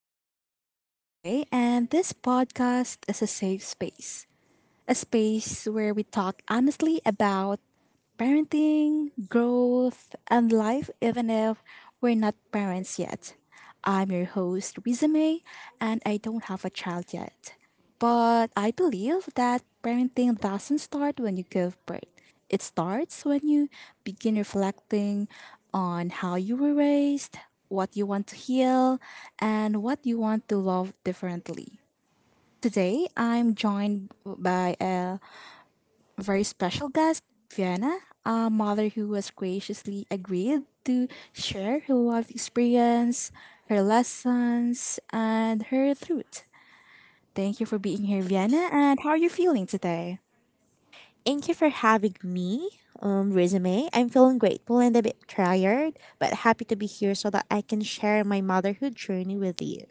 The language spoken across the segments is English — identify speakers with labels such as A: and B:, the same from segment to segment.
A: I'm really glad you're here today, and this podcast is a safe space. A space where we talk honestly about parenting, growth, and life, even if we're not parents yet. I'm your host, Riza May, and I don't have a child yet. But I believe that parenting doesn't start when you give birth. It starts when you begin reflecting on how you were raised, what you want to heal, and what you want to love differently. Today, I'm joined by a very special guest, Vienna, a mother who was graciously agreed to share her life experience, her lessons, and her truth. Thank you for being here, Vienna, and how are you feeling today?
B: Thank you for having me, resume. I'm feeling grateful and a bit tired, but happy to be here so that I can share my motherhood journey with you.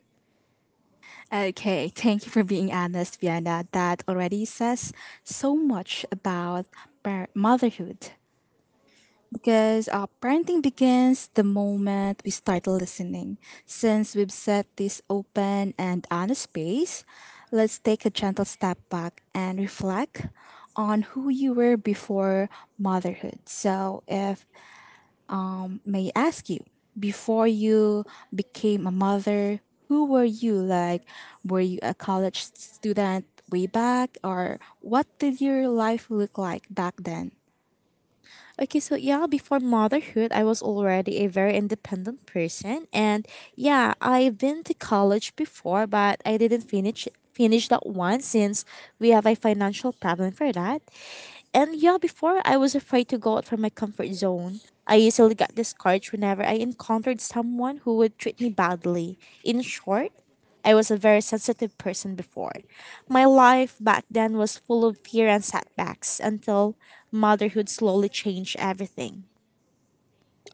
A: Okay, thank you for being honest, Vienna. That already says so much about motherhood. Because parenting begins the moment we start listening. Since we've set this open and honest space, let's take a gentle step back and reflect on who you were before motherhood. So, if may I ask you, before you became a mother, who were you? Like, were you a college student way back, or what did your life look like back then?
B: Okay, so yeah, before motherhood, I was already a very independent person, and yeah, I've been to college before, but I didn't finish that one since we have a financial problem for that. And yeah, before I was afraid to go out from my comfort zone. I easily got discouraged whenever I encountered someone who would treat me badly. In short, I was a very sensitive person before. My life back then was full of fear and setbacks until motherhood slowly changed everything.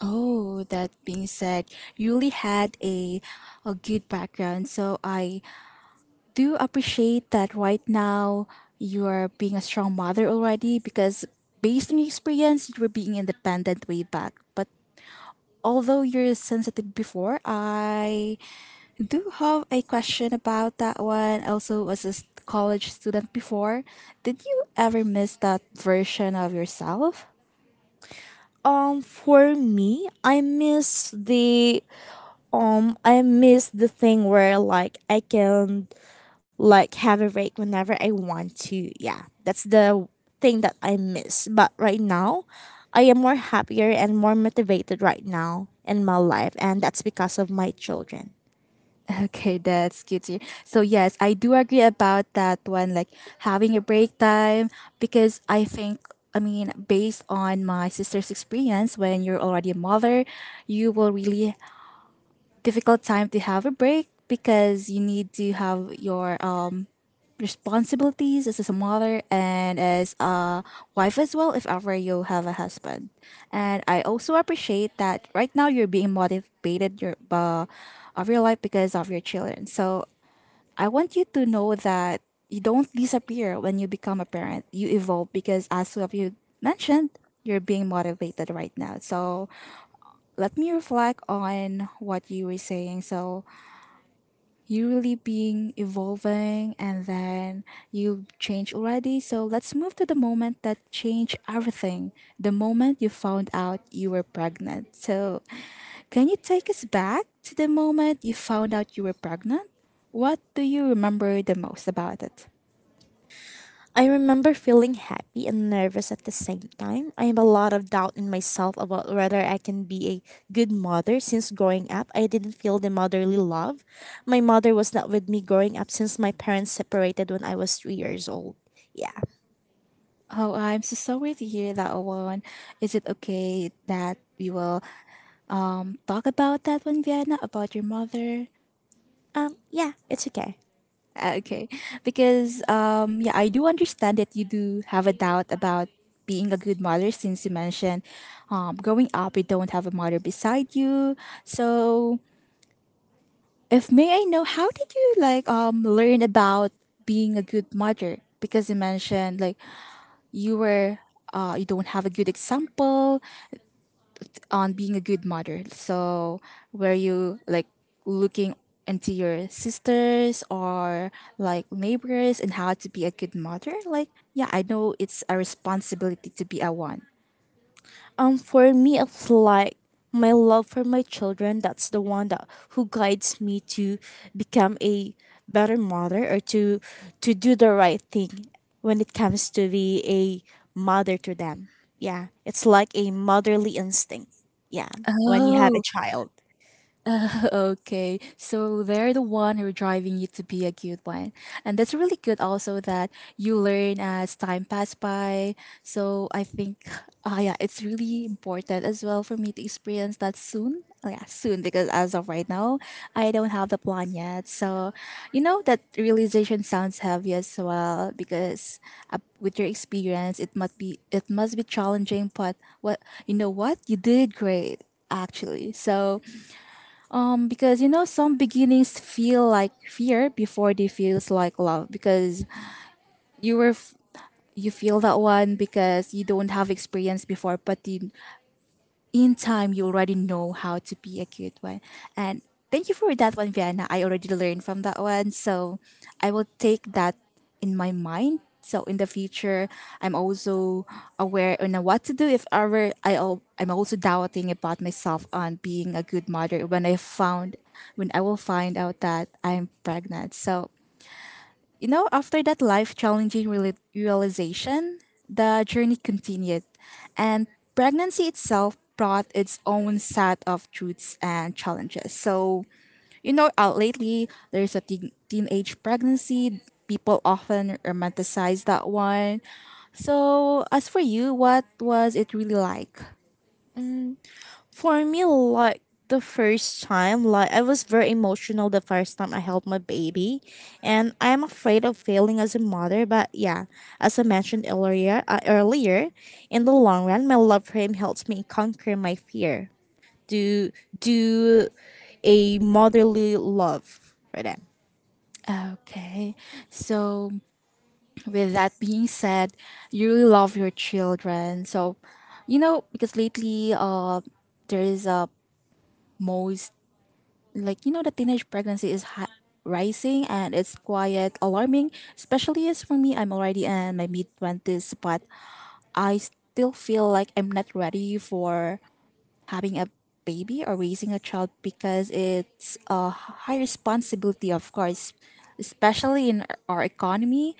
A: Oh, that being said, you really had a good background. So I do appreciate that right now you are being a strong mother already because based on your experience you were being independent way back. But although you're sensitive before, I do have a question about that one. Also was a college student before. Did you ever miss that version of yourself?
B: For me, I miss the thing where like I can like have a break whenever I want to. Yeah. That's the thing that I miss. But right now, I am more happier and more motivated right now in my life, and that's because of my children.
A: Okay, that's good to hear. So yes, I do agree about that one, like having a break time, because I think I mean, based on my sister's experience, when you're already a mother, you will really difficult time to have a break because you need to have your responsibilities as a mother and as a wife as well if ever you have a husband, and I also appreciate that right now you're being motivated your of your life because of your children. So I want you to know that you don't disappear when you become a parent. You evolve because, as of you mentioned, you're being motivated right now. So let me reflect on what you were saying. So you really being evolving and then you change already. So let's move to the moment that changed everything. The moment you found out you were pregnant. So can you take us back to the moment you found out you were pregnant? What do you remember the most about it?
B: I remember feeling happy and nervous at the same time. I have a lot of doubt in myself about whether I can be a good mother, since growing up I didn't feel the motherly love. My mother was not with me growing up since my parents separated when I was 3 years old. Yeah.
A: Oh, I'm so sorry to hear that one. Is it okay that we will talk about that one, Vienna, about your mother?
B: Yeah, it's okay.
A: Okay, because yeah, I do understand that you do have a doubt about being a good mother since you mentioned growing up you don't have a mother beside you. So, if may I know, how did you like learn about being a good mother? Because you mentioned like you were you don't have a good example on being a good mother. So were you like looking into your sisters or like neighbors and how to be a good mother? Like yeah, I know it's a responsibility to be a one.
B: For me, it's like my love for my children. That's the one that who guides me to become a better mother, or to do the right thing when it comes to be a mother to them. Yeah, it's like a motherly instinct. Yeah, when you have a
A: Oh.
B: child.
A: Okay, so they're the one who are driving you to be a good one. And that's really good also that you learn as time pass by. So I think, yeah, it's really important as well for me to experience that soon. Oh, yeah, soon, because as of right now, I don't have the plan yet. So, you know, that realization sounds heavy as well because with your experience, it must be challenging. But what you know, what you did great actually. So because you know, some beginnings feel like fear before they feels like love. Because you were f- you feel that one because you don't have experience before, but you in time you already know how to be a good one, and thank you for that one, Vienna. I already learned from that one, so I will take that in my mind so in the future I'm also aware on what to do if ever I'm also doubting about myself on being a good mother when I found when I will find out that I'm pregnant. So you know, after that life challenging realization, the journey continued, and pregnancy itself brought its own set of truths and challenges. So, you know, lately there's a teenage pregnancy. People often romanticize that one. So, as for you, what was it really like?
B: For me, like the first time, like I was very emotional the first time I held my baby, and I'm afraid of failing as a mother. But yeah, as I mentioned earlier, in the long run, my love for him helps me conquer my fear. Do do a motherly love for them.
A: Okay. So with that being said, you really love your children. So, you know, because lately, there is a most like you know the teenage pregnancy is rising and it's quite alarming. Especially as for me, I'm already in my mid twenties, but I still feel like I'm not ready for having a baby or raising a child because it's a high responsibility, of course, especially in our economy.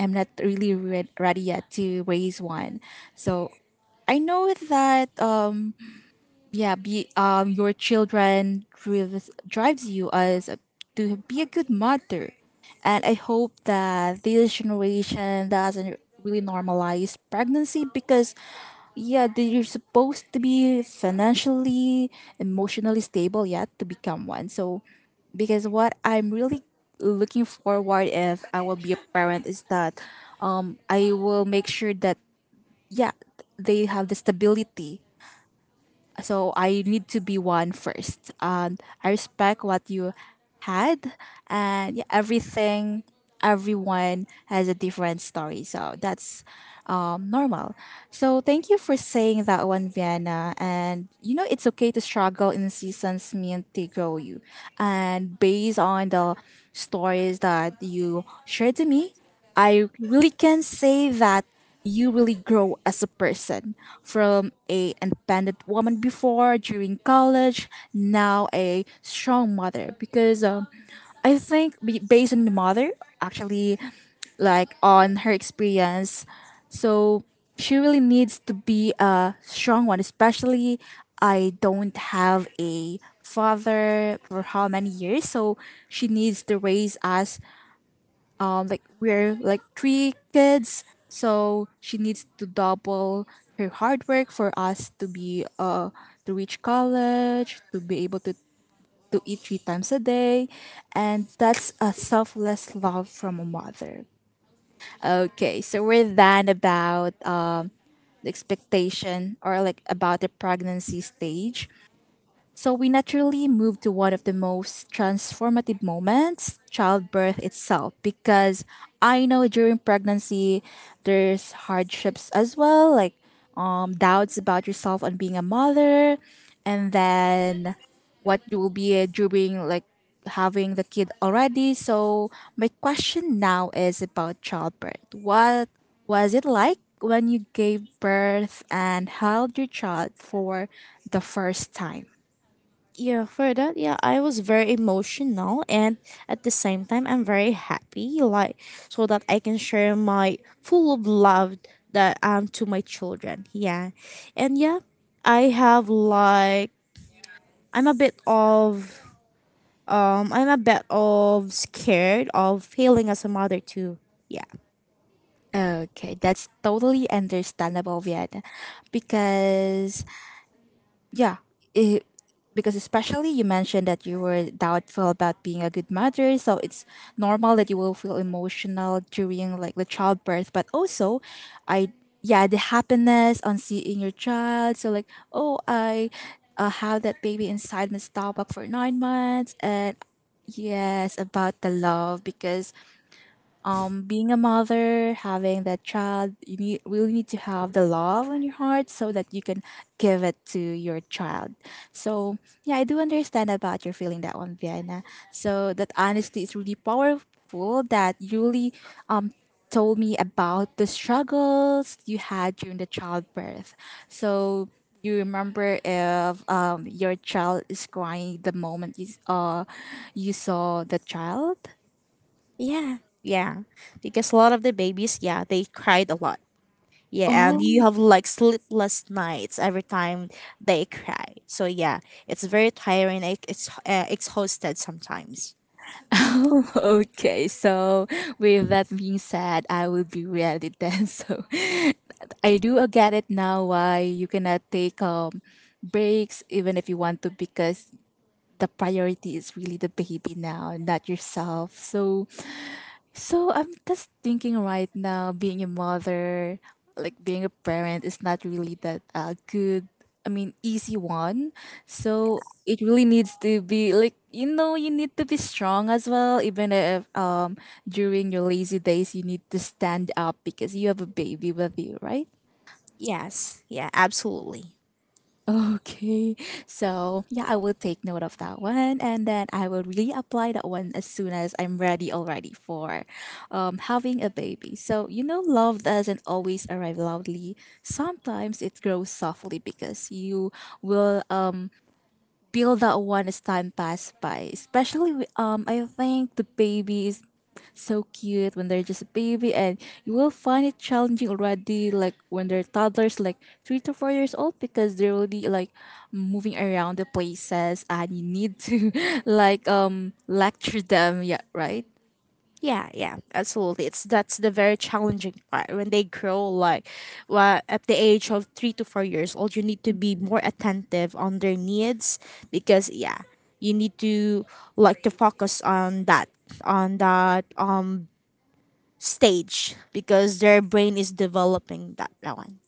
A: I'm not really ready yet to raise one. So I know that yeah, be your children drives you as a, to be a good mother, and I hope that this generation doesn't really normalize pregnancy because yeah that you're supposed to be financially emotionally stable yet to become one. So because what I'm really looking forward if I will be a parent is that I will make sure that yeah they have the stability, so I need to be one first. I respect what you had, and yeah, everyone has a different story, so that's normal. So thank you for saying that one, Vienna. And you know, it's okay to struggle in seasons meant to grow you. And based on the stories that you shared to me, I really can say that you really grow as a person from a independent woman before during college now a strong mother because I think based on my mother actually, like on her experience. So she really needs to be a strong one, especially I don't have a father for how many years, so she needs to raise us, like we're like 3 kids, so she needs to double her hard work for us to be to reach college, to be able to eat 3 times a day. And that's a selfless love from a mother. Okay, so we're done about expectation or like about the pregnancy stage, so we naturally move to one of the most transformative moments, childbirth itself, because I know during pregnancy there's hardships as well, like doubts about yourself on being a mother, and then what you will be during like having the kid already. So my question now is about childbirth. What was it like when you gave birth and held your child for the first time?
B: Yeah, for that, yeah, I was very emotional, and at the same time I'm very happy, like so that I can share my full of love that to my children. Yeah. And yeah, I have like I'm a bit of I'm a bit of scared of failing as a mother too. Yeah.
A: Okay, that's totally understandable, Vieta. Because yeah, it, because especially you mentioned that you were doubtful about being a good mother, so it's normal that you will feel emotional during like the childbirth, but also I yeah, the happiness on seeing your child. So like, oh, I have that baby inside my stomach for 9 months and Yes, about the love because being a mother having that child you need really need to have the love on your heart so that you can give it to your child. So yeah, I do understand about your feeling that one, Vienna. So that honesty is really powerful that you really um told me about the struggles you had during the childbirth. So you remember if your child is crying the moment you saw the child.
B: Yeah. Yeah. Because a lot of the babies, yeah, they cried a lot. Yeah, and you
A: Oh.
B: have like sleepless nights every time they cry. So yeah, it's very tiring. It's exhausted sometimes.
A: Oh, okay, so with that being said, I will be really then. So I do get it now why you cannot take breaks even if you want to because the priority is really the baby now, not yourself. So so I'm just thinking right now, being a mother, like being a parent, is not really that good. I mean, easy one. So it really needs to be like you know you need to be strong as well. Even if during your lazy days you need to stand up because you have a baby with you, right?
B: Yes. Yeah. Absolutely.
A: Okay. So, yeah, I will take note of that one and then I will really apply that one as soon as I'm ready already for having a baby. So, you know, love doesn't always arrive loudly. Sometimes it grows softly because you will feel that one as time passed by. Especially, I think the baby is so cute when they're just a baby, and you will find it challenging already, like when they're toddlers, like 3 to 4 years old, because they're really like moving around the places, and you need to lecture them. Yeah, right.
B: Yeah. Yeah. Absolutely. It's that's the very challenging part when they grow. Like, well, at the age of 3 to 4 years old, you need to be more attentive on their needs because yeah, you need to like to focus on that on that stage because their brain is developing that one.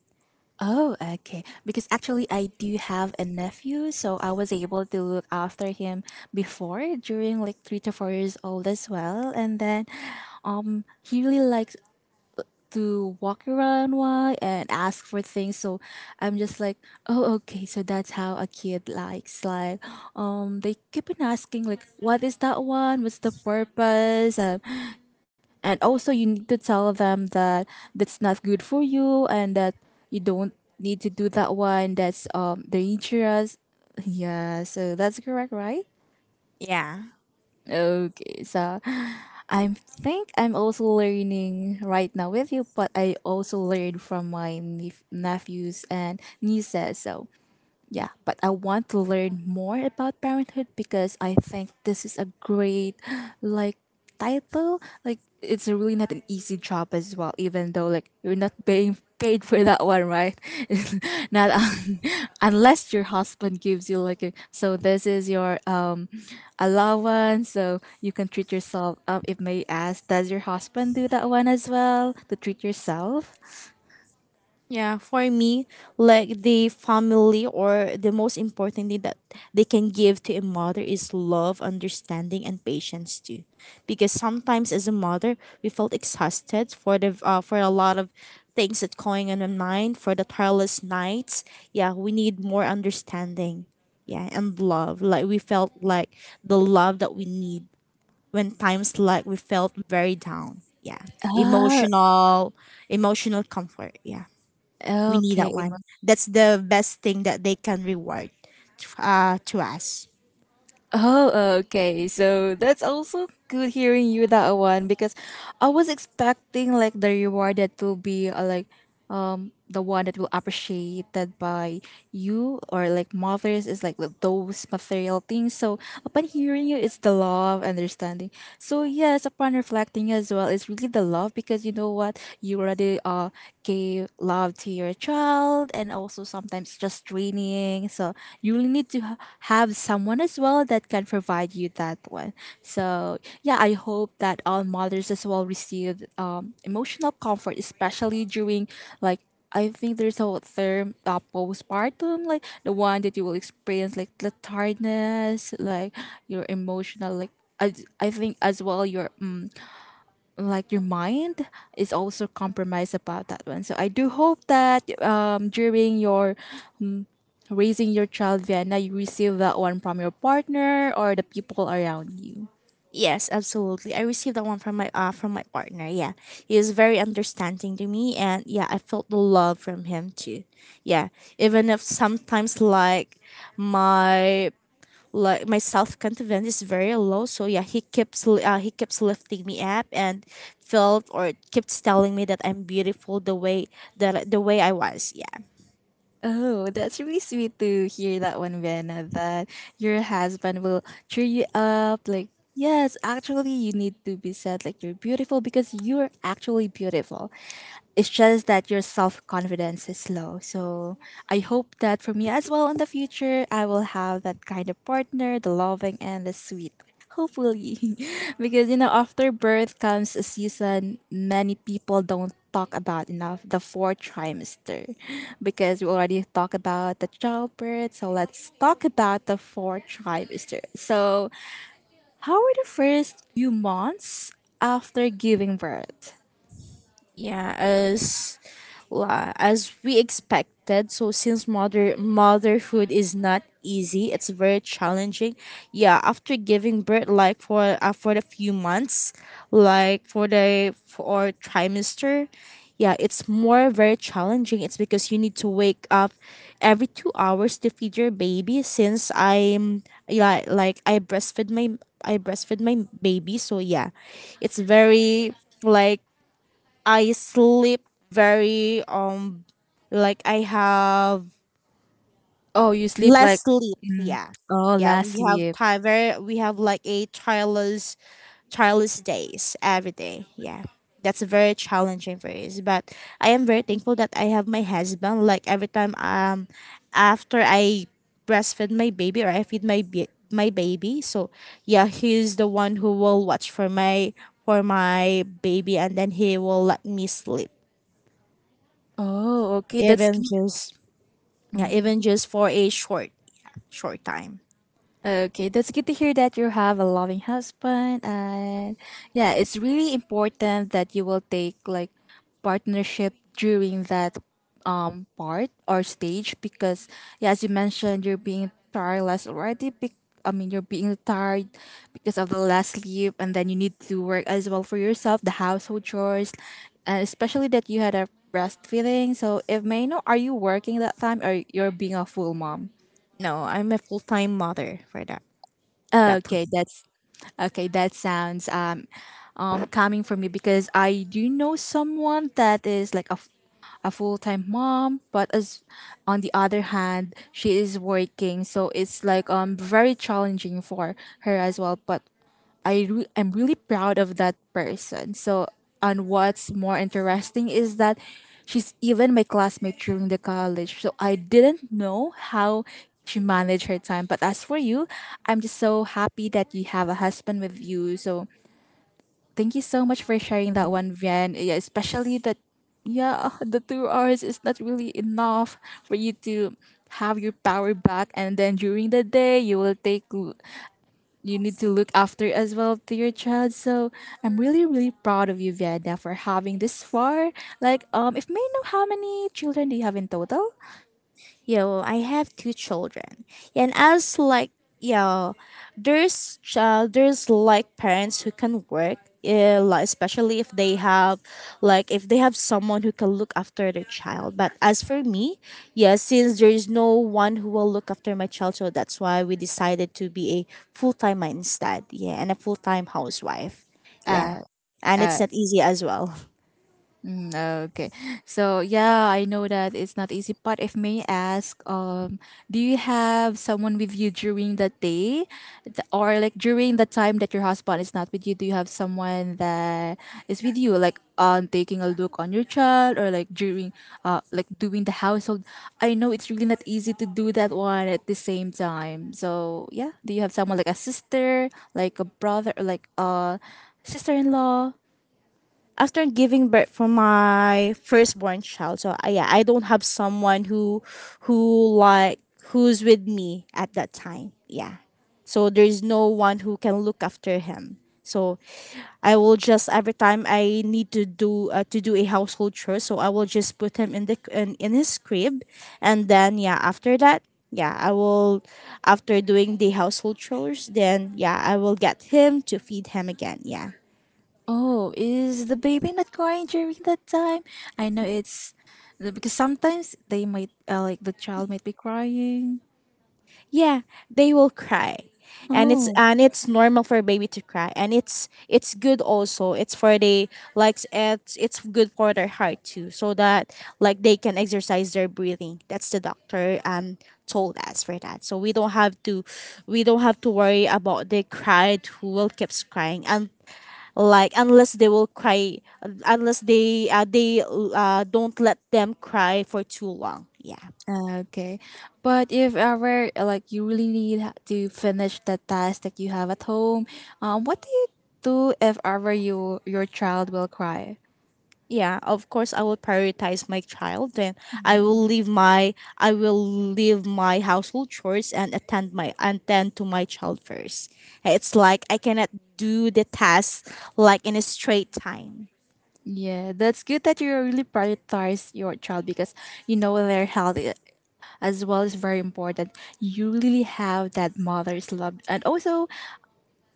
A: Oh, okay. Because actually, I do have a nephew, so I was able to look after him before during like 3 to 4 years old as well. And then, he really likes to walk around why and ask for things. So I'm just like, oh, okay. So that's how a kid likes. Like, they keep on asking like, what is that one? What's the purpose? And also you need to tell them that that's not good for you and that you don't need to do that one that's dangerous, yeah, so that's correct, right?
B: Yeah.
A: Okay. So I think I'm also learning right now with you, but I also learned from my nephews and nieces. So yeah, but I want to learn more about parenthood because I think this is a great like title. Like it's really not an easy job as well, even though like you're not being paid for that one, right? It's not unless your husband gives you like a, so this is your allowance so you can treat yourself up. If may ask, does your husband do that one as well, to treat yourself?
B: Yeah, for me, like the family or the most important thing that they can give to a mother is love, understanding, and patience too. Because sometimes as a mother, we felt exhausted for the for a lot of things that going on in mind for the tireless nights. Yeah, we need more understanding. Yeah, and love. Like we felt like the love that we need when times like we felt very down. Yeah.
A: Ah,
B: Emotional comfort. Yeah. We need
A: okay.
B: that one. That's the best thing that they can reward to us.
A: Oh, okay. So that's also good hearing you that one because I was expecting like the reward that will be like the one that will appreciated by you or like mothers is like those material things. So upon hearing you, it's the love understanding. So yes, upon reflecting as well, it's really the love because you know what, you already gave love to your child and also sometimes just training. So you really need to have someone as well that can provide you that one. So yeah, I hope that all mothers as well receive emotional comfort, especially during like I think there's a term postpartum, like the one that you will experience like the tiredness, like your emotional like. I, I think as well your like your mind is also compromised about that one. So I do hope that during your raising your child, then you receive that one from your partner or the people around you.
B: Yes, absolutely. I received that one from my from my partner. Yeah, he is very understanding to me, and yeah, I felt the love from him too. Yeah, even if sometimes my like my self confidence is very low. So yeah, he keeps lifting me up and felt or keeps telling me that I'm beautiful the way the way I was. Yeah.
A: Oh, that's really sweet to hear that one, Vienna, that your husband will cheer you up. Like, yes, actually you need to be said like you're beautiful because you're actually beautiful. It's just that your self-confidence is low. So I hope that for me as well in the future, I will have that kind of partner, the loving and the sweet. Hopefully. Because, you know, after birth comes a season many people don't talk about enough, the fourth trimester. Because we already talked about the childbirth, so let's talk about the fourth trimester. So, how are the first few months after giving birth?
B: Yeah, as we expected. So since motherhood is not easy, it's very challenging. Yeah, after giving birth, like for the few months, like for the for trimester, yeah, it's more very challenging. It's because you need to wake up every 2 hours to feed your baby. Since I'm yeah, like I breastfed my baby, so yeah, it's very like I sleep very like I have
A: Oh, you sleep
B: less
A: like.
B: sleep.
A: Mm.
B: Yeah.
A: Oh,
B: Yeah,
A: last sleep.
B: we have like a childless days every day. Yeah. That's very challenging for us. But I am very thankful that I have my husband. Like every time after I breastfeed my baby or I feed my baby. So yeah, he's the one who will watch for my baby, and then he will let me sleep.
A: Oh, okay. That's
B: Even just yeah, even just for a short yeah, short time.
A: okay, that's good to hear that you have a loving husband. And yeah, it's really important that you will take like partnership during that part or stage because yeah, as you mentioned, you're being tireless already, I mean you're being tired because of the last sleep, and then you need to work as well for yourself, the household chores, and especially that you had a breastfeeding. So if may know, are you working that time or you're being a full mom?
B: No, I'm a full time mother for that that
A: Okay,
B: time.
A: that's okay. That sounds coming from me because I do know someone that is like a, a full time mom, but as on the other hand, she is working, so it's like very challenging for her as well. But I'm really proud of that person. So, and what's more interesting is that she's even my classmate during the college. So I didn't know how she managed her time. But as for you, I'm just so happy that you have a husband with you. So thank you so much for sharing that one, Vian. Yeah, especially that. Yeah, the 2 hours is not really enough for you to have your power back, and then during the day you will take you need to look after as well to your child. So I'm really, really proud of you, Vieda, for having this far. Like, if may know, how many children do you have in total?
B: Yo, I have two children, and as like yo, there's child, there's like parents who can work, like especially if they have, like if they have someone who can look after their child. But as for me, yeah, since there is no one who will look after my child, so that's why we decided to be a full time instead. Yeah, and a full time housewife. Yeah,
A: Uh,
B: and
A: uh.
B: it's not easy as well.
A: Mm, okay. So yeah, I know that it's not easy, but if may ask, do you have someone with you during the day, or like during the time that your husband is not with you? Do you have someone that is with you, like on taking a look on your child, or like during, like doing the household? I know it's really not easy to do that one at the same time. So yeah, do you have someone like a sister, like a brother, or like a sister-in-law?
B: After giving birth for my firstborn child, so yeah I don't have someone who like who's with me at that time. Yeah, so there's no one who can look after him. So I will just every time I need to do a household chore, so I will just put him in his crib, and then yeah after that yeah I will, after doing the household chores, then yeah I will get him to feed him again. Yeah.
A: Oh, is the baby not crying during that time? I know it's because sometimes they might like the child might be crying.
B: Yeah, they will cry, and
A: Oh,
B: it's normal for a baby to cry, and it's good also. It's for the like it's good for their heart too, so that like they can exercise their breathing. That's the doctor told us for that, so we don't have to worry about the cried who will keeps crying and like unless they don't let them cry for too long. Yeah.
A: okay. But if ever like you really need to finish the task that you have at home, what do you do if ever you your child will cry?
B: Yeah, of course I will prioritize my child, and
A: Mm.
B: I will leave my household chores and attend to my child first. It's like I cannot do the task like in a straight time.
A: Yeah, that's good that you really prioritize your child because you know their health as well is very important. You really have that mother's love, and also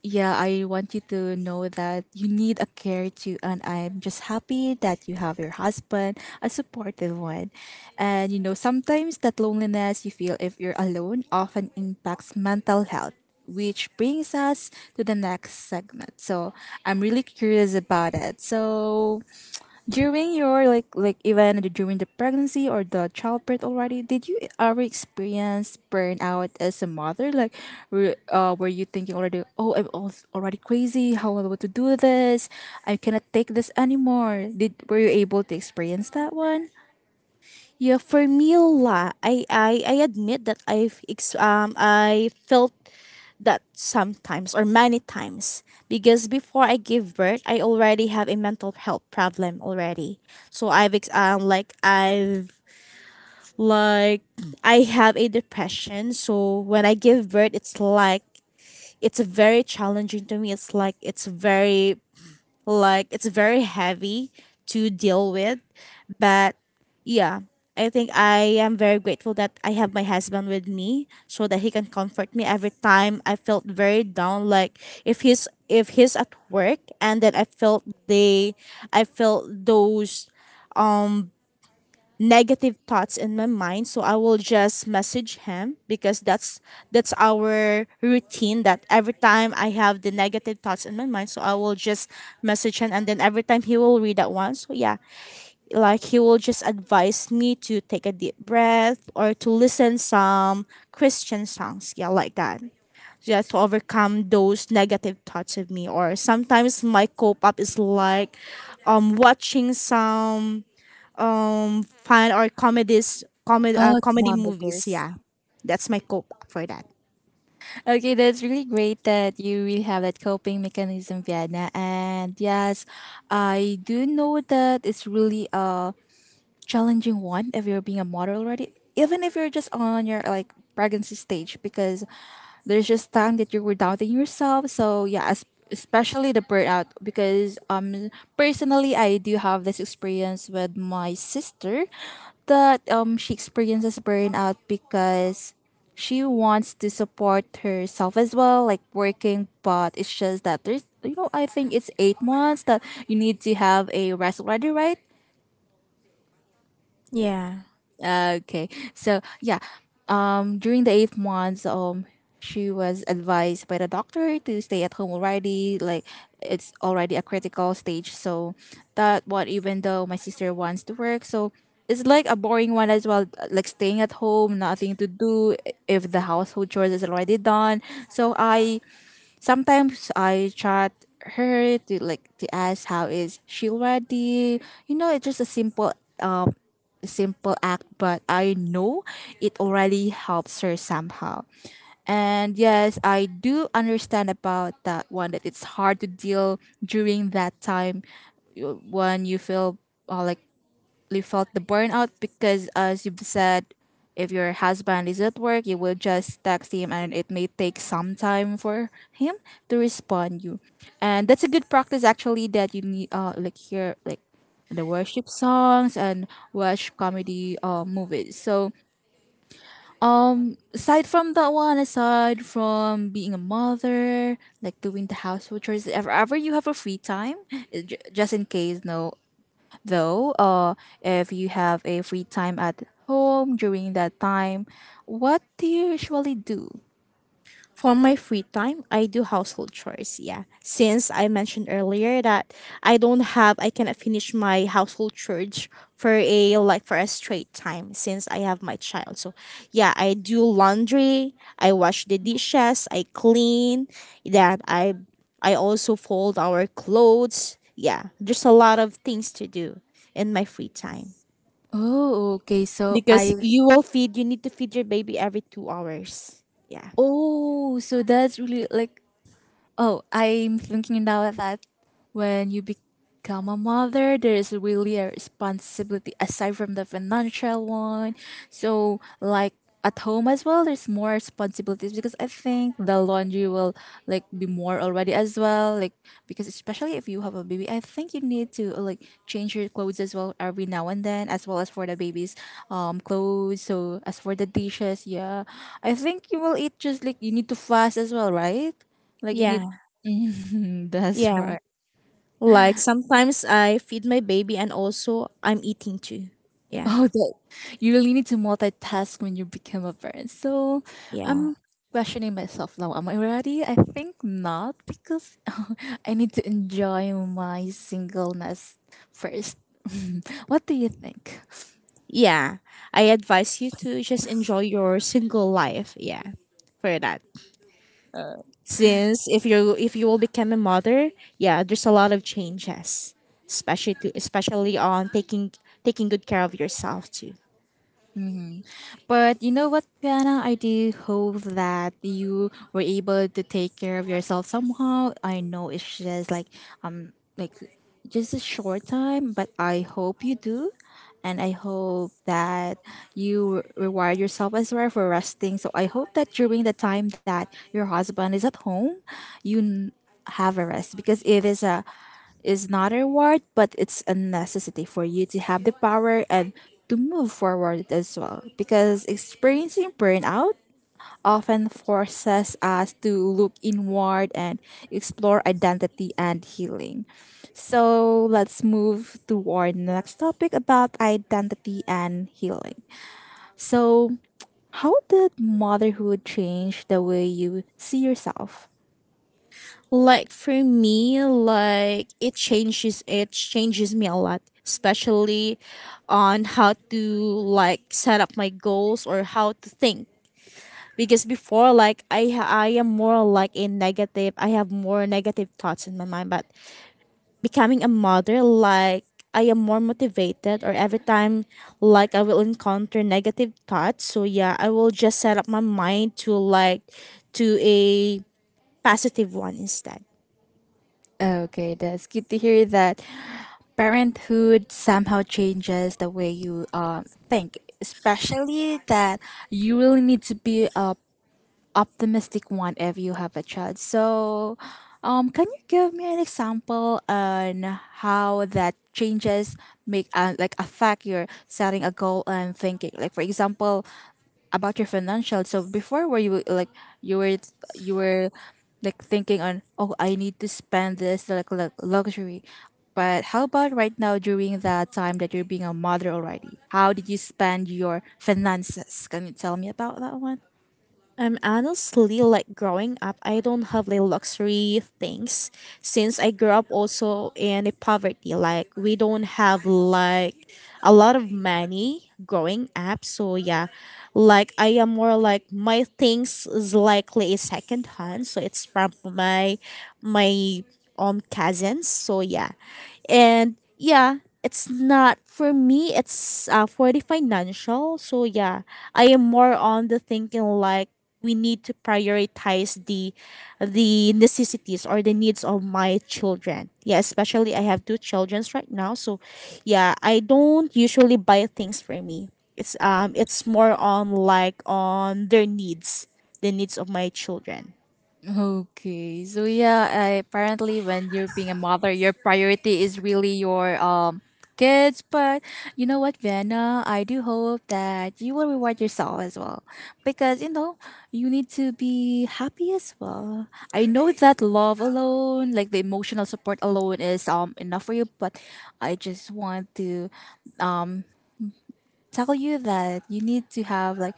A: yeah, I want you to know that you need a care too. And I'm just happy that you have your husband, a supportive one. And you know, sometimes that loneliness you feel if you're alone often impacts mental health, which brings us to the next segment. So I'm really curious about it. So, during your like even during the pregnancy or the childbirth already, did you ever experience burnout as a mother? Like, were you thinking already, oh, I'm already crazy. How am I about to do this? I cannot take this anymore. Did were you able to experience that one?
B: Yeah, for me la, I admit that I felt that sometimes or many times, because before I give birth I already have a mental health problem already. So I've ex- like I've like I have a depression. So when I give birth, it's like it's very challenging to me. It's like it's very heavy to deal with. But yeah, I think I am very grateful that I have my husband with me so that he can comfort me every time I felt very down, like if he's at work, and then I felt those negative thoughts in my mind, so I will just message him because that's our routine that every time I have the negative thoughts in my mind, so I will just message him, and then every time he will read that one. So yeah, like he will just advise me to take a deep breath or to listen some christian songs, yeah, like that, just to overcome those negative thoughts of me. Or sometimes my cope up is like watching some fun or comedies comedy
A: Oh,
B: comedy movies,
A: kilometers.
B: yeah. That's my cope for that.
A: Okay, that's really great that you really have that coping mechanism, Vienna. And yes, I do know that it's really challenging one if you're being a model already, even if you're just on your like pregnancy stage, because there's just time that you were doubting yourself. So yeah, especially the burnout, because personally I do have this experience with my sister that she experiences burnout because she wants to support herself as well, like working, but it's just that there's you know, I think it's 8 months that you need to have a rest already, right?
B: Yeah.
A: Okay. So yeah, during the 8 months, she was advised by the doctor to stay at home already. Like it's already a critical stage. So that what even though my sister wants to work, so it's like a boring one as well. Like staying at home, nothing to do if the household chores is already done. So I sometimes I chat her to like to ask how is she ready. You know, it's just a simple um simple act, but I know it already helps her somehow. And yes, I do understand about that one that it's hard to deal during that time when you feel like definitely felt the burnout because, as you've said, if your husband is at work, you will just text him, and it may take some time for him to respond you. And that's a good practice actually that you need. Like hear like the worship songs and watch comedy movies. So aside from that one, aside from being a mother, like doing the household chores, if ever you have a free time, just in case, no, though, if you have a free time at home during that time, what do you usually do?
B: For my free time, I do household chores. Yeah. Since I mentioned earlier that I don't have I cannot finish my household chores for a like for a straight time since I have my child. So yeah, I do laundry, I wash the dishes, I clean, that I also fold our clothes. Yeah. There's a lot of things to do in my free time.
A: Oh, okay. So
B: Because
A: I
B: you need to feed your baby every 2 hours. Yeah.
A: oh, so that's really like oh, I'm thinking now that when you become a mother, there's really a responsibility aside from the financial one. So, like at home as well, there's more responsibilities because I think the laundry will like be more already as well. Like because especially if you have a baby, I think you need to like change your clothes as well every now and then, as well as for the baby's clothes. So as for the dishes, yeah, I think you will eat just like you need to fast as well, right? Like you need
B: Yeah.
A: mhm, that's
B: Yeah.
A: right.
B: Like sometimes I feed my baby and also I'm eating too. Yeah.
A: Oh, that you really need to multitask when you become a parent. So
B: Yeah.
A: I'm questioning myself now. Am I ready? I think not because I need to enjoy my singleness first. What do you think?
B: Yeah. I advise you to just enjoy your single life. Yeah. For that.
A: Uh,
B: Since if you will become a mother, yeah, there's a lot of changes. Especially to especially on taking good care of yourself too.
A: But you know what, Piana? I do hope that you were able to take care of yourself somehow. I know it's just like um like just a short time, but I hope you do. And I hope that you reward yourself as well for resting. So I hope that during the time that your husband is at home, you n- have a rest because it is not a reward, but it's a necessity for you to have the power and to move forward as well. Because experiencing burnout often forces us to look inward and explore identity and healing. So let's move toward the next topic about identity and healing. So, how did motherhood change the way you see yourself?
B: Like for me, like it changes me a lot, especially on how to like set up my goals or how to think. Because before like I am more like a negative, I have more negative thoughts in my mind, but becoming a mother like I am more motivated, or every time like I will encounter negative thoughts, so yeah, I will just set up my mind to like to a positive one instead.
A: Okay, that's good to hear that parenthood somehow changes the way you think, especially that you really need to be optimistic one if you have a child. So, can you give me an example on how that changes make like affect your setting a goal and thinking? Like for example, about your financial. So before, were you like you were you were like thinking on, oh, I need to spend this like luxury, but how about right now during that time that you're being a mother already? How did you spend your finances? Can you tell me about that one?
B: I'm honestly, like, growing up, I don't have like luxury things since I grew up also in a poverty. Like we don't have like a lot of money growing up. So yeah, like I am more like my things is likely a second hand. So it's from my my own cousins. So yeah, and yeah, it's not for me, it's for the financial. So yeah, I am more on the thinking like we need to prioritize the necessities or the needs of my children. Yeah, especially I have two children right now, so yeah, I don't usually buy things for me. It's it's more on like on their needs, the needs of my children.
A: Okay. So yeah, I, apparently when you're being a mother, your priority is really your kids, but you know what, Vienna, I do hope that you will reward yourself as well because you know, you need to be happy as well. I know that love alone, like the emotional support alone is enough for you, but I just want to tell you that you need to have like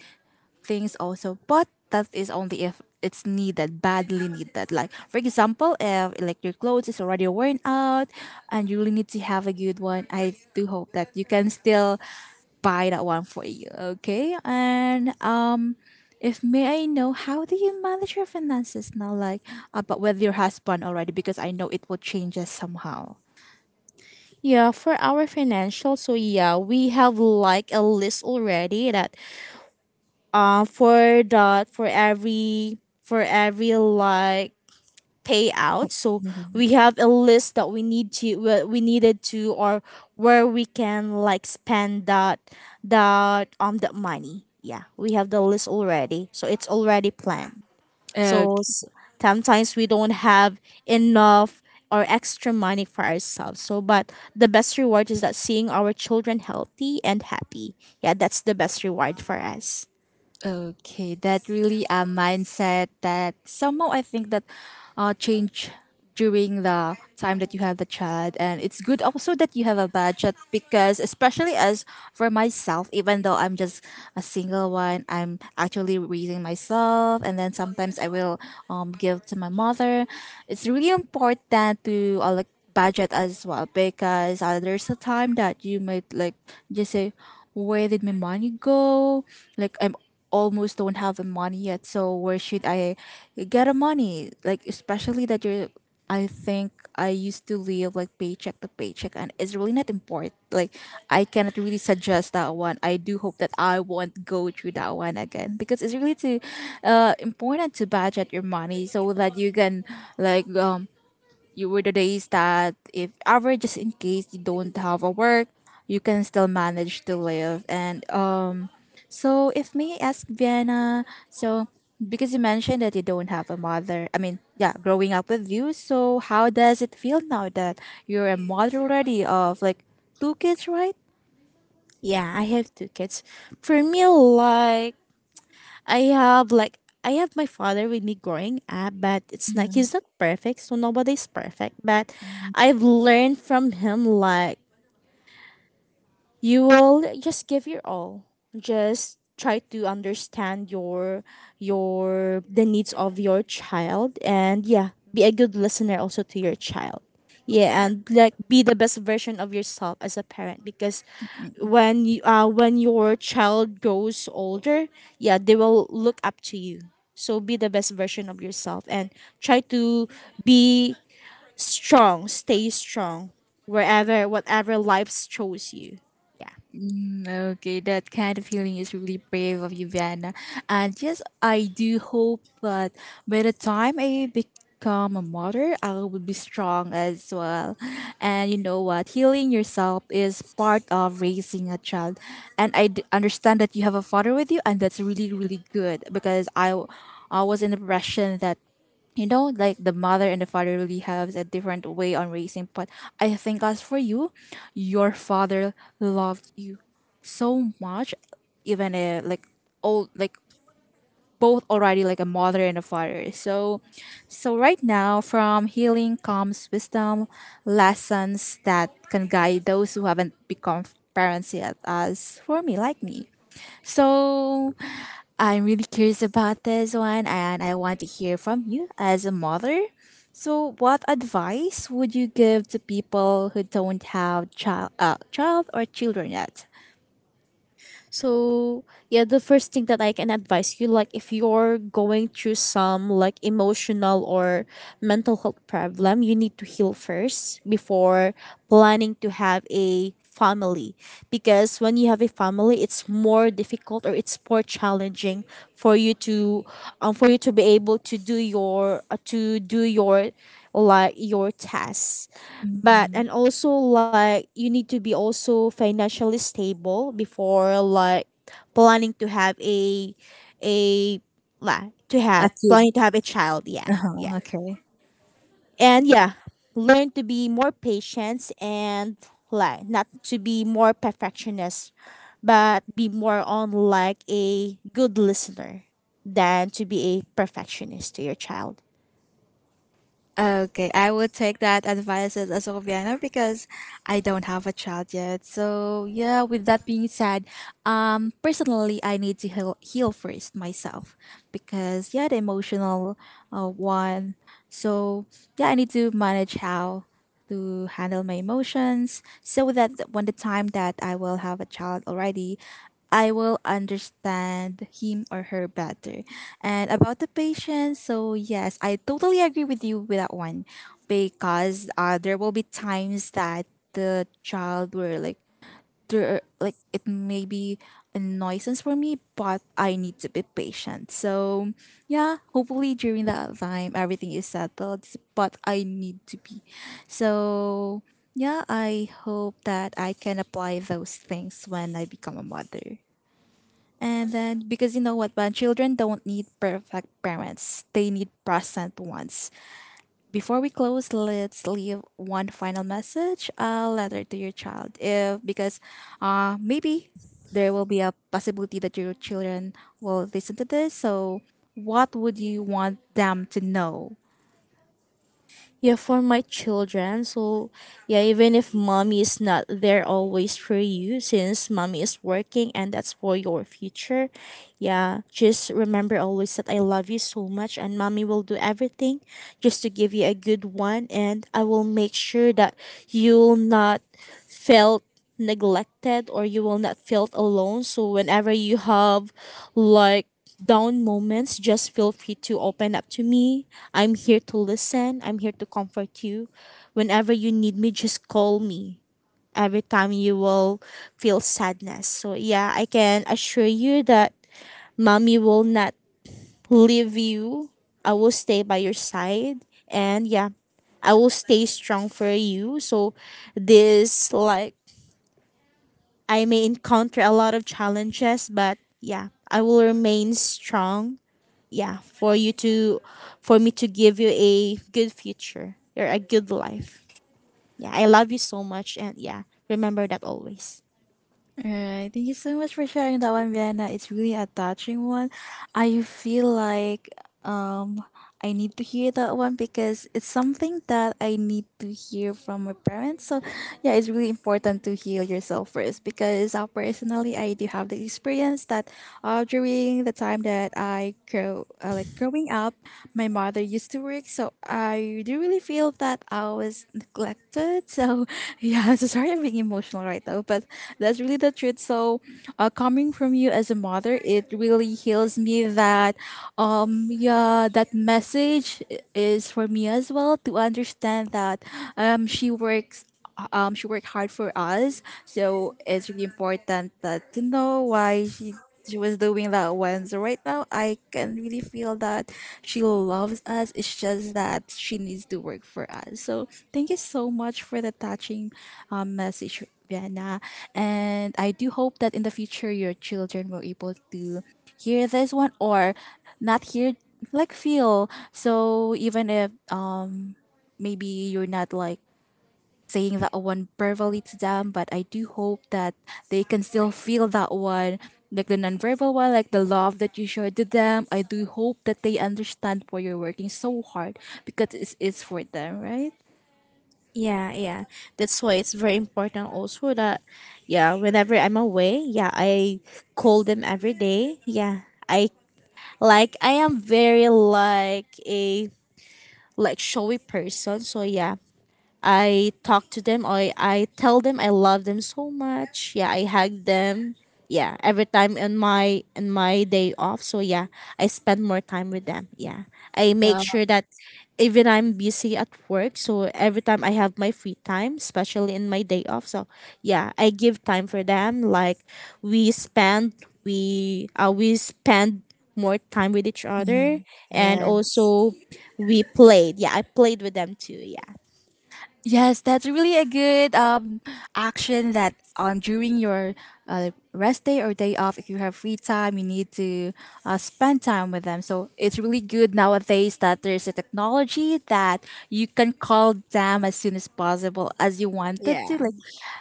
A: things also, but that is only if it's needed, badly needed. Like for example, if like your clothes is already worn out and you really need to have a good one, I do hope that you can still buy that one for you. Okay, and if may I know, how do you manage your finances now? Like but with your husband already, because I know it will change us somehow.
B: Yeah, for our financial, so yeah, we have like a list already that, for that, for every like payout. So we have a list that we need to we needed to, or where we can like spend that, that money. Yeah, we have the list already, so it's already planned. So
A: Mhm.
B: sometimes we don't have enough or extra money for ourselves. So but the best reward is that seeing our children healthy and happy. Yeah, that's the best reward for us.
A: Okay, that really a mindset that somehow I think that change during the time that you have the child. And it's good also that you have a budget because especially as for myself, even though I'm just a single one, I'm actually raising myself and then sometimes I will give to my mother. It's really important to like budget as well because there's a time that you might like just say, where did my money go? Like I'm almost don't have the money yet, so where should I get a money? Like especially that you're, I think I used to live like paycheck to paycheck, and it's really not important. Like I cannot really suggest that one. I do hope that I won't go through that one again because it's really too important to budget your money so that you can like you were the days that, if ever, just in case you don't have a work, you can still manage to live. And so if may I ask, Vienna, so because you mentioned that you don't have a mother, I mean, yeah, growing up with you, so how does it feel now that you're a mother already of like two kids, right?
B: Yeah, I have two kids. For me, like I have my father with me growing up, but it's like he's not perfect, so nobody's perfect. But I've learned from him like you will just give your all, just try to understand your the needs of your child. And yeah, be a good listener also to your child. Yeah, and like be the best version of yourself as a parent, because when you when your child grows older, yeah, they will look up to you. So be the best version of yourself, and try to be strong, stay strong wherever, whatever life shows you. Yeah.
A: Mm. Okay, that kind of feeling is really brave of you, Vienna. And yes, I do hope that by the time I become a mother, I will be strong as well. And you know what? Healing yourself is part of raising a child. And understand that you have a father with you, and that's really, really good because I was in the impression that, you know, like the mother and the father really have a different way on raising. But I think as for you, your father loved you so much, even like all, like both already like a mother and a father. So so right now, from healing comes wisdom, lessons that can guide those who haven't become parents yet, as for me, like me. So I'm really curious about this one and I want to hear from you as a mother. So, what advice would you give to people who don't have child, child or children yet?
B: So yeah, the first thing that I can advise you, like if you're going through some like emotional or mental health problem, you need to heal first before planning to have a family. Because when you have a family, it's more difficult or it's more challenging for you to for you to be able to do your like your tasks. But
A: Mhm.
B: and also like you need to be also financially stable before like planning to have a like to
A: A
B: have
A: kid.
B: planning to have a child. Yeah, yeah.
A: Uh-huh, okay.
B: And yeah, learn to be more patient and like not to be more perfectionist, but be more on like a good listener than to be a perfectionist to your child.
A: Okay, I will take that advice as well, Vienna, because I don't have a child yet. So yeah, with that being said, personally, I need to heal, heal first myself because yeah, the emotional one. So yeah, I need to manage how to handle my emotions so that when the time that I will have a child already, I will understand him or her better. And about the patience, so yes, I totally agree with you with that one because there will be times that the child were like there, like it may be a nuisance for me, but I need to be patient. So yeah, hopefully during that time everything is settled, but I need to be. So yeah, I hope that I can apply those things when I become a mother. And then because you know what, when children don't need perfect parents, they need present ones. Before we close, let's leave one final message, a letter to your child. If because maybe there will be a possibility that your children will listen to this. So what would you want them to know?
B: Yeah, for my children, so yeah, even if mommy is not there always for you, since mommy is working, and that's for your future. Yeah, just remember always that I love you so much, and mommy will do everything just to give you a good one. And I will make sure that you'll not felt neglected, or you will not felt alone. So whenever you have like down moments, just feel free to open up to me. I'm here to listen. I'm here to comfort you. Whenever you need me, just call me. Every time you will feel sadness, so yeah, I can assure you that mommy will not leave you. I will stay by your side, and yeah, I will stay strong for you. So this like I may encounter a lot of challenges, but yeah, I will remain strong, yeah, for you to, for me to give you a good future or a good life. Yeah, I love you so much. And yeah, remember that always.
A: All right. Thank you so much for sharing that one, Vienna. It's really a touching one. I feel like um I need to hear that one because it's something that I need to hear from my parents. So yeah, it's really important to heal yourself first because personally I do have the experience that during the time that I grow like growing up, my mother used to work. So I do really feel that I was neglected. So yeah, I'm so sorry I'm being emotional right now, but that's really the truth. So, coming from you as a mother, it really heals me that, yeah, that is for me as well to understand that, she works. She worked hard for us, so it's really important that to know why she was doing that one. So right now, I can really feel that she loves us. It's just that she needs to work for us. So thank you so much for the touching message, Vienna. And I do hope that in the future your children were able to hear this one or not hear, like feel. So even if maybe you're not like saying that one verbally to them, but I do hope that they can still feel that one, like the nonverbal one, like the love that you showed to them. I do hope that they understand why you're working so hard because it's for them, right?
B: Yeah, yeah. That's why it's very important also that yeah, whenever I'm away, yeah, I call them every day. Yeah. I like I am very like a like showy person. So yeah, I talk to them. I tell them I love them so much. Yeah, I hug them. Yeah, every time on my day off. So yeah, I spend more time with them. Yeah, I make sure that even I'm busy at work. So every time I have my free time, especially in my day off. So yeah, I give time for them. Like we spend we spend more time with each other. And also, we played. Yeah, I played with them too.
A: Yes, that's really a good action that during your rest day or day off, if you have free time, you need to spend time with them. So it's really good nowadays that there's a technology that you can call them as soon as possible as you wanted to.
B: Yeah.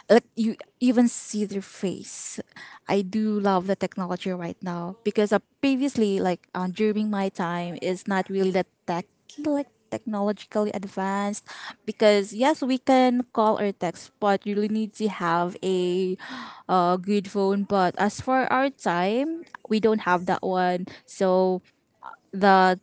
A: Like you even see their face. I do love the technology right now because previously, like during my time, is not really that tech, like technologically advanced. Because yes, we can call or text, but you really need to have a good phone. But as for our time, we don't have that one. So the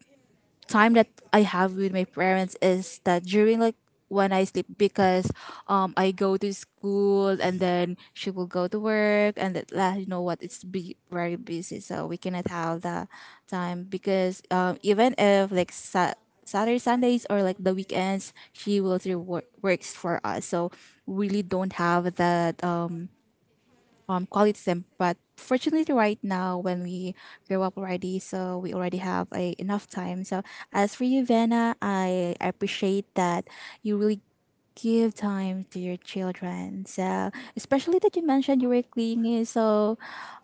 A: time that I have with my parents is that during like when I sleep because I go to school and then she will go to work, and that lah, you know what, it's be very busy, so we cannot have the time because even if like Saturday Sundays or like the weekends she will still work, works for us, so really don't have that quality time. But fortunately, right now, when we grow up already, so we already have a, enough time. So as for you, Vanna, I appreciate that you really give time to your children. So especially that you mentioned you were cleaning. So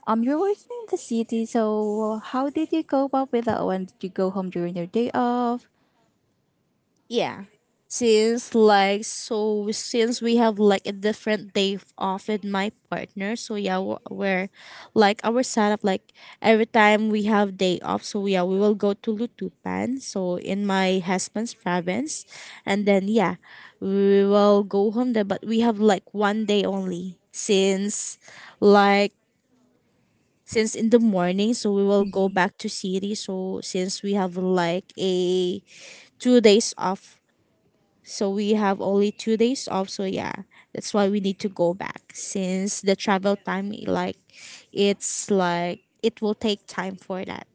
A: you're working in the city. So how did you cope up with that one? Did you go home during your day off?
B: Yeah. Since like, so since we have like a different day off with my partner. So yeah, we're like our setup like every time we have day off, so yeah, we will go to Lutupan, so in my husband's province, and then yeah, we will go home there, but we have like one day only, since like since in the morning, so we will go back to city. So since we have like a two days off, so we have only two days off. So yeah, that's why we need to go back, since the travel time, like it's like it will take time for that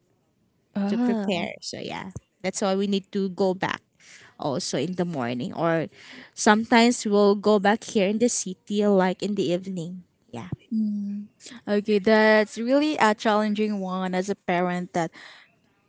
B: to
A: Oh,
B: prepare. So yeah, that's why we need to go back also in the morning, or sometimes we'll go back here in the city like in the evening. Yeah.
A: okay. That's really a challenging one as a parent that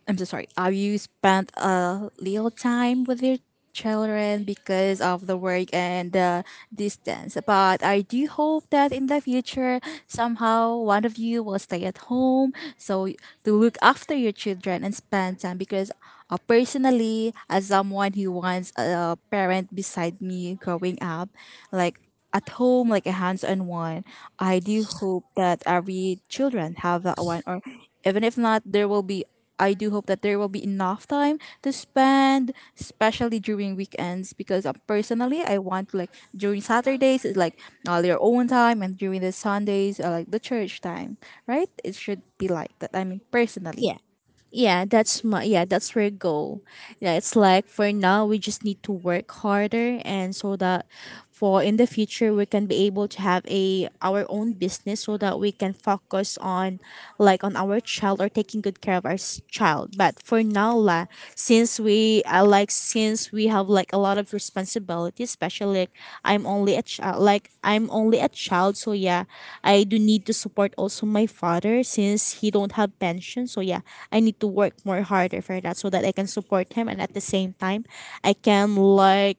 A: I'm so sorry. Have you spent a little time with your children because of the work and the distance? But I do hope that in the future, somehow one of you will stay at home so to look after your children and spend time. Because personally, as someone who wants a parent beside me growing up, like at home like a hands-on one, I do hope that every children have that one, or even if not, there will be, I do hope that there will be enough time to spend, especially during weekends. Because personally I want like during Saturdays is like all your own time, and during the Sundays are like the church time, right? It should be like that, I mean, personally.
B: Yeah. Yeah, that's my yeah, that's our goal. Yeah, it's like for now we just need to work harder, and so that for in the future we can be able to have a our own business so that we can focus on like on our child, or taking good care of our child. But for now la, since we have like a lot of responsibility, especially like I'm only a child. So yeah, I do need to support also my father, since he don't have pension. So yeah, I need to work more harder for that, so that I can support him, and at the same time I can like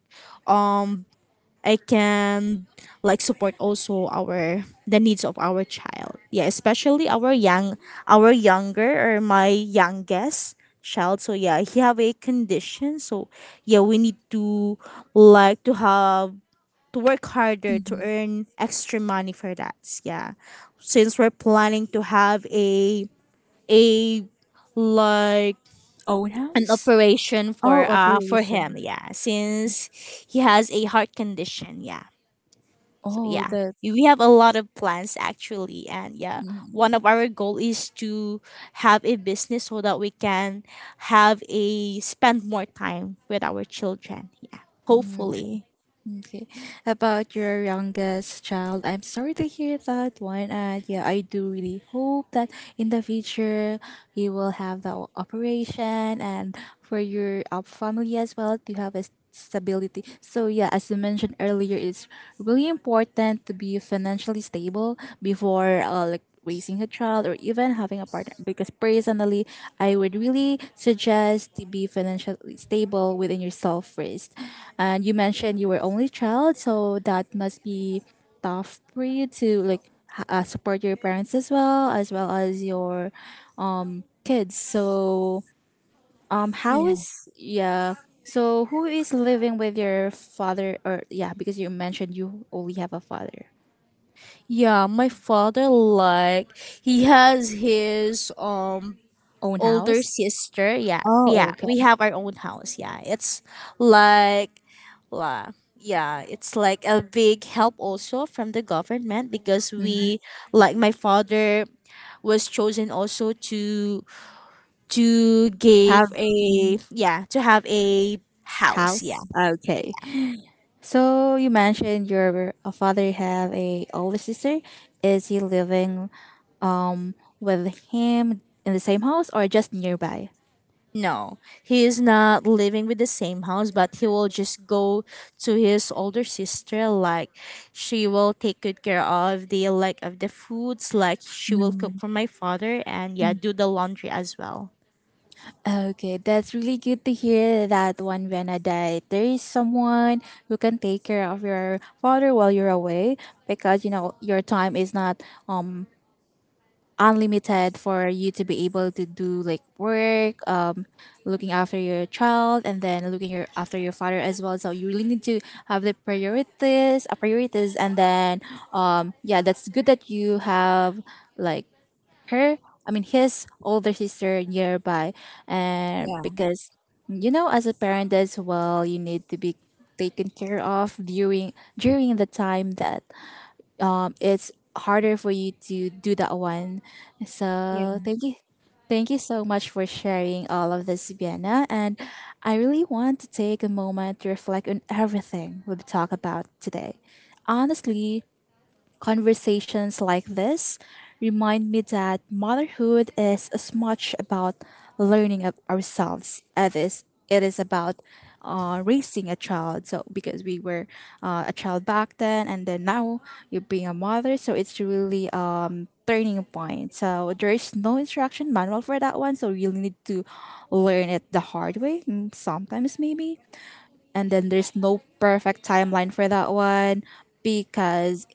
B: I can like support also our the needs of our child. Yeah, especially our young our younger or my youngest child. So yeah, he have a condition. So yeah, we need to like to have to work harder to
A: Mhm.
B: earn extra money for that. Yeah. Since we're planning to have a like
A: Own
B: an
A: house.
B: operation
A: Oh,
B: for him,
A: operation.
B: yeah. Since he has a heart condition, yeah. So
A: Oh,
B: yeah,
A: that.
B: we have a lot of plans actually, and yeah, one of our goal is to have a business so that we can have a spend more time with our children. Yeah, hopefully.
A: Okay. About your youngest child, I'm sorry to hear that one. And yeah, I do really hope that in the future you will have that operation, and for your family as well to have a stability. So yeah, as you mentioned earlier, it's really important to be financially stable before like raising a child or even having a partner, because personally I would really suggest to be financially stable within yourself first. And you mentioned you were only child, so that must be tough for you to like support your parents as well, as well as your kids. So um, how
B: Yeah.
A: is, yeah, so who is living with your father? Or yeah, because you mentioned you only have a father.
B: Yeah, my father like he has his
A: Own
B: older
A: house.
B: sister. Yeah,
A: Oh,
B: yeah,
A: okay.
B: we have our own house. Yeah, it's like, la, yeah, it's like a big help also from the government because we, like my father, was chosen also to
A: Have.
B: give a
A: Mhm.
B: yeah to have a house. Yeah.
A: House? Okay. So you mentioned your father have a older sister. Is he living um with him in the same house or just nearby?
B: No, he is not living with the same house, but he will just go to his older sister. Like, she will take good care of the like of the foods. Like, she will cook
A: Mm.
B: for my father, and yeah, do the laundry as well.
A: Okay, that's really good to hear that one, Vena, that there is someone who can take care of your father while you're away, because you know your time is not um unlimited for you to be able to do like work, um, looking after your child and then looking your, after your father as well. So you really need to have the priorities, priorities, and then um, yeah, that's good that you have like her, I mean his older sister nearby. And because you know, as a parent as well, you need to be taken care of during during the time that it's harder for you to do that one. So
B: Yeah.
A: thank you. Thank you so much for sharing all of this, Vienna. And I really want to take a moment to reflect on everything we've talked about today. Honestly, conversations like this remind me that motherhood is as much about learning of ourselves as is it is about raising a child. So because we were a child back then, and then now you're being a mother, so it's really turning point. So there is no instruction manual for that one. So you will need to learn it the hard way. Sometimes maybe, and then there's no perfect timeline for that one, because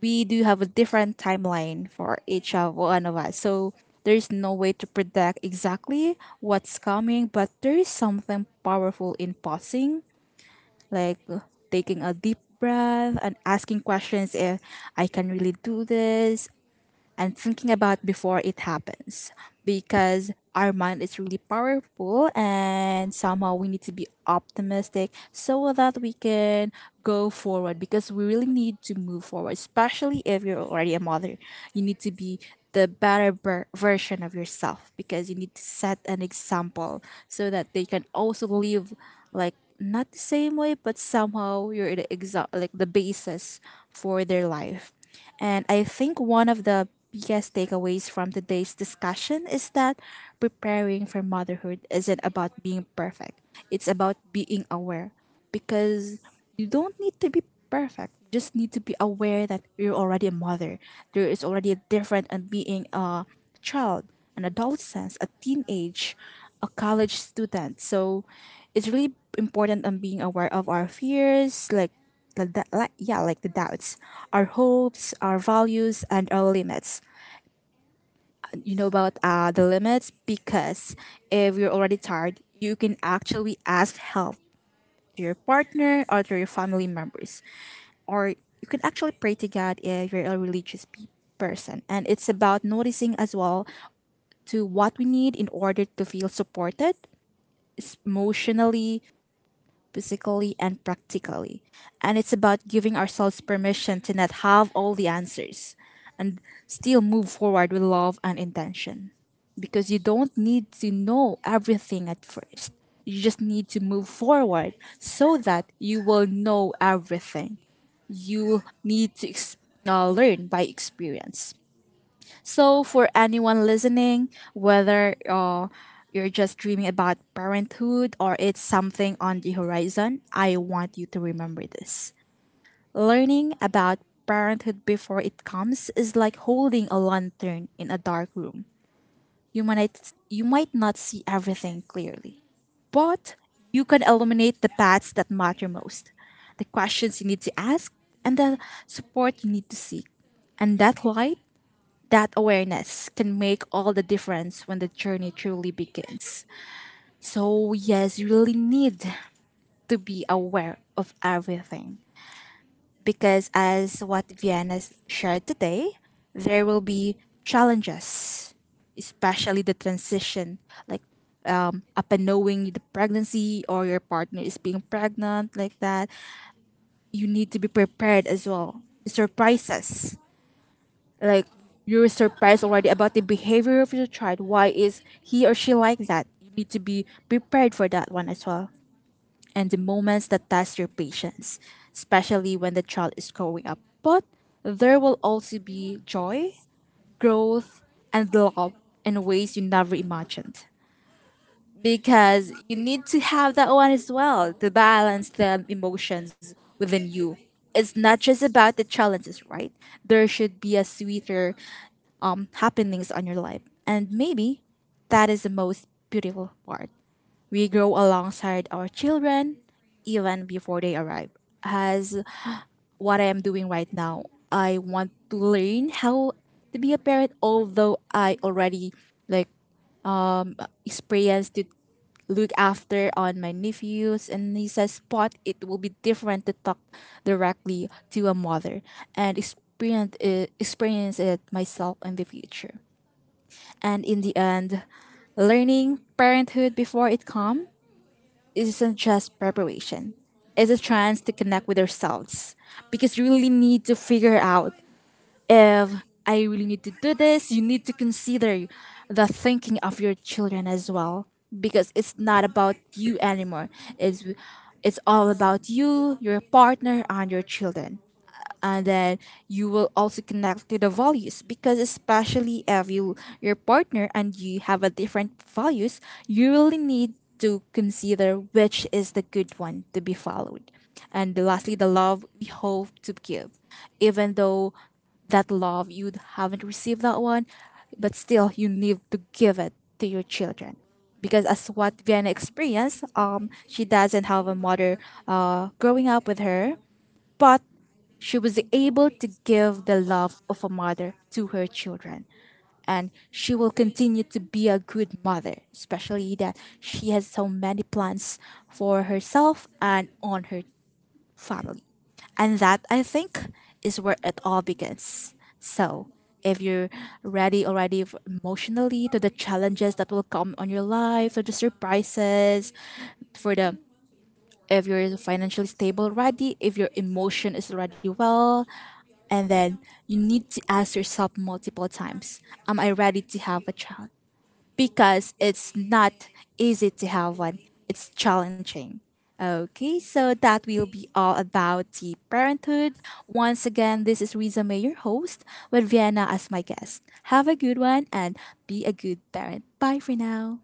A: we do have a different timeline for each of one of us. So there's no way to predict exactly what's coming, but there is something powerful in pausing, like taking a deep breath and asking questions if I can really do this, and thinking about before it happens, because our mind is really powerful and somehow we need to be optimistic so that we can go forward, because we really need to move forward, especially if you're already a mother. You need to be the better version of yourself, because you need to set an example so that they can also live, like not the same way, but somehow you're the like the basis for their life. And I think one of the biggest takeaways from today's discussion is that preparing for motherhood isn't about being perfect, it's about being aware, because you don't need to be perfect. You just need to be aware that you're already a mother. There is already a difference in being a child, an adolescence, a teenage, a college student. So it's really important on being aware of our fears, like the like yeah like the doubts, our hopes, our values, and our limits. You know about the limits, because if you're already tired you can actually ask help to your partner or to your family members, or you can actually pray to God if you're a religious person. And it's about noticing as well to what we need in order to feel supported emotionally, physically, and practically. And it's about giving ourselves permission to not have all the answers and still move forward with love and intention. Because you don't need to know everything at first. You just need to move forward so that you will know everything. You need to learn by experience. So, for anyone listening, whether you're just dreaming about parenthood or it's something on the horizon, I want you to remember this. Learning about parenthood before it comes is like holding a lantern in a dark room. You might not see everything clearly, but you can illuminate the paths that matter most, the questions you need to ask, and the support you need to seek. And that light, that awareness, can make all the difference when the journey truly begins. So, yes, you really need to be aware of everything. Because, as what Vienna shared today, there will be challenges, especially the transition, like upon knowing the pregnancy or your partner is being pregnant, like that. You need to be prepared as well. Surprises. Like you're surprised already about the behavior of your child. Why is he or she like that? You need to be prepared for that one as well. And the moments that test your patience, especially when the child is growing up. But there will also be joy, growth, and love in ways you never imagined. Because you need to have that one as well to balance the emotions within you. It's not just about the challenges, right? There should be a sweeter happenings on your life. And maybe that is the most beautiful part. We grow alongside our children even before they arrive. As what I am doing right now, I want to learn how to be a parent, although I already like experienced to look after on my nephews and nieces, but it will be different to talk directly to a mother and experience it myself in the future. And in the end, learning parenthood before it comes isn't just preparation. It's a chance to connect with ourselves, because you really need to figure out if I really need to do this. You need to consider the thinking of your children as well, because it's not about you anymore. It's it's all about you, your partner, and your children. And then you will also connect to the values, because especially if you, your partner and you have a different values, you really need to consider which is the good one to be followed. And lastly, the love we hope to give, even though that love you haven't received that one, but still you need to give it to your children. Because as what Vienna experienced, she doesn't have a mother growing up with her, but she was able to give the love of a mother to her children, and she will continue to be a good mother, especially that she has so many plans for herself and on her family. And that, I think, is where it all begins. So, if you're ready already emotionally to the challenges that will come on your life, to the surprises, for the, if you're financially stable already, if your emotion is already well, and then you need to ask yourself multiple times, am I ready to have a child? Because it's not easy to have one, it's challenging. Okay, so that will be all about the parenthood. Once again, this is Riza May, your host, with Vienna as my guest. Have a good one and be a good parent. Bye for now.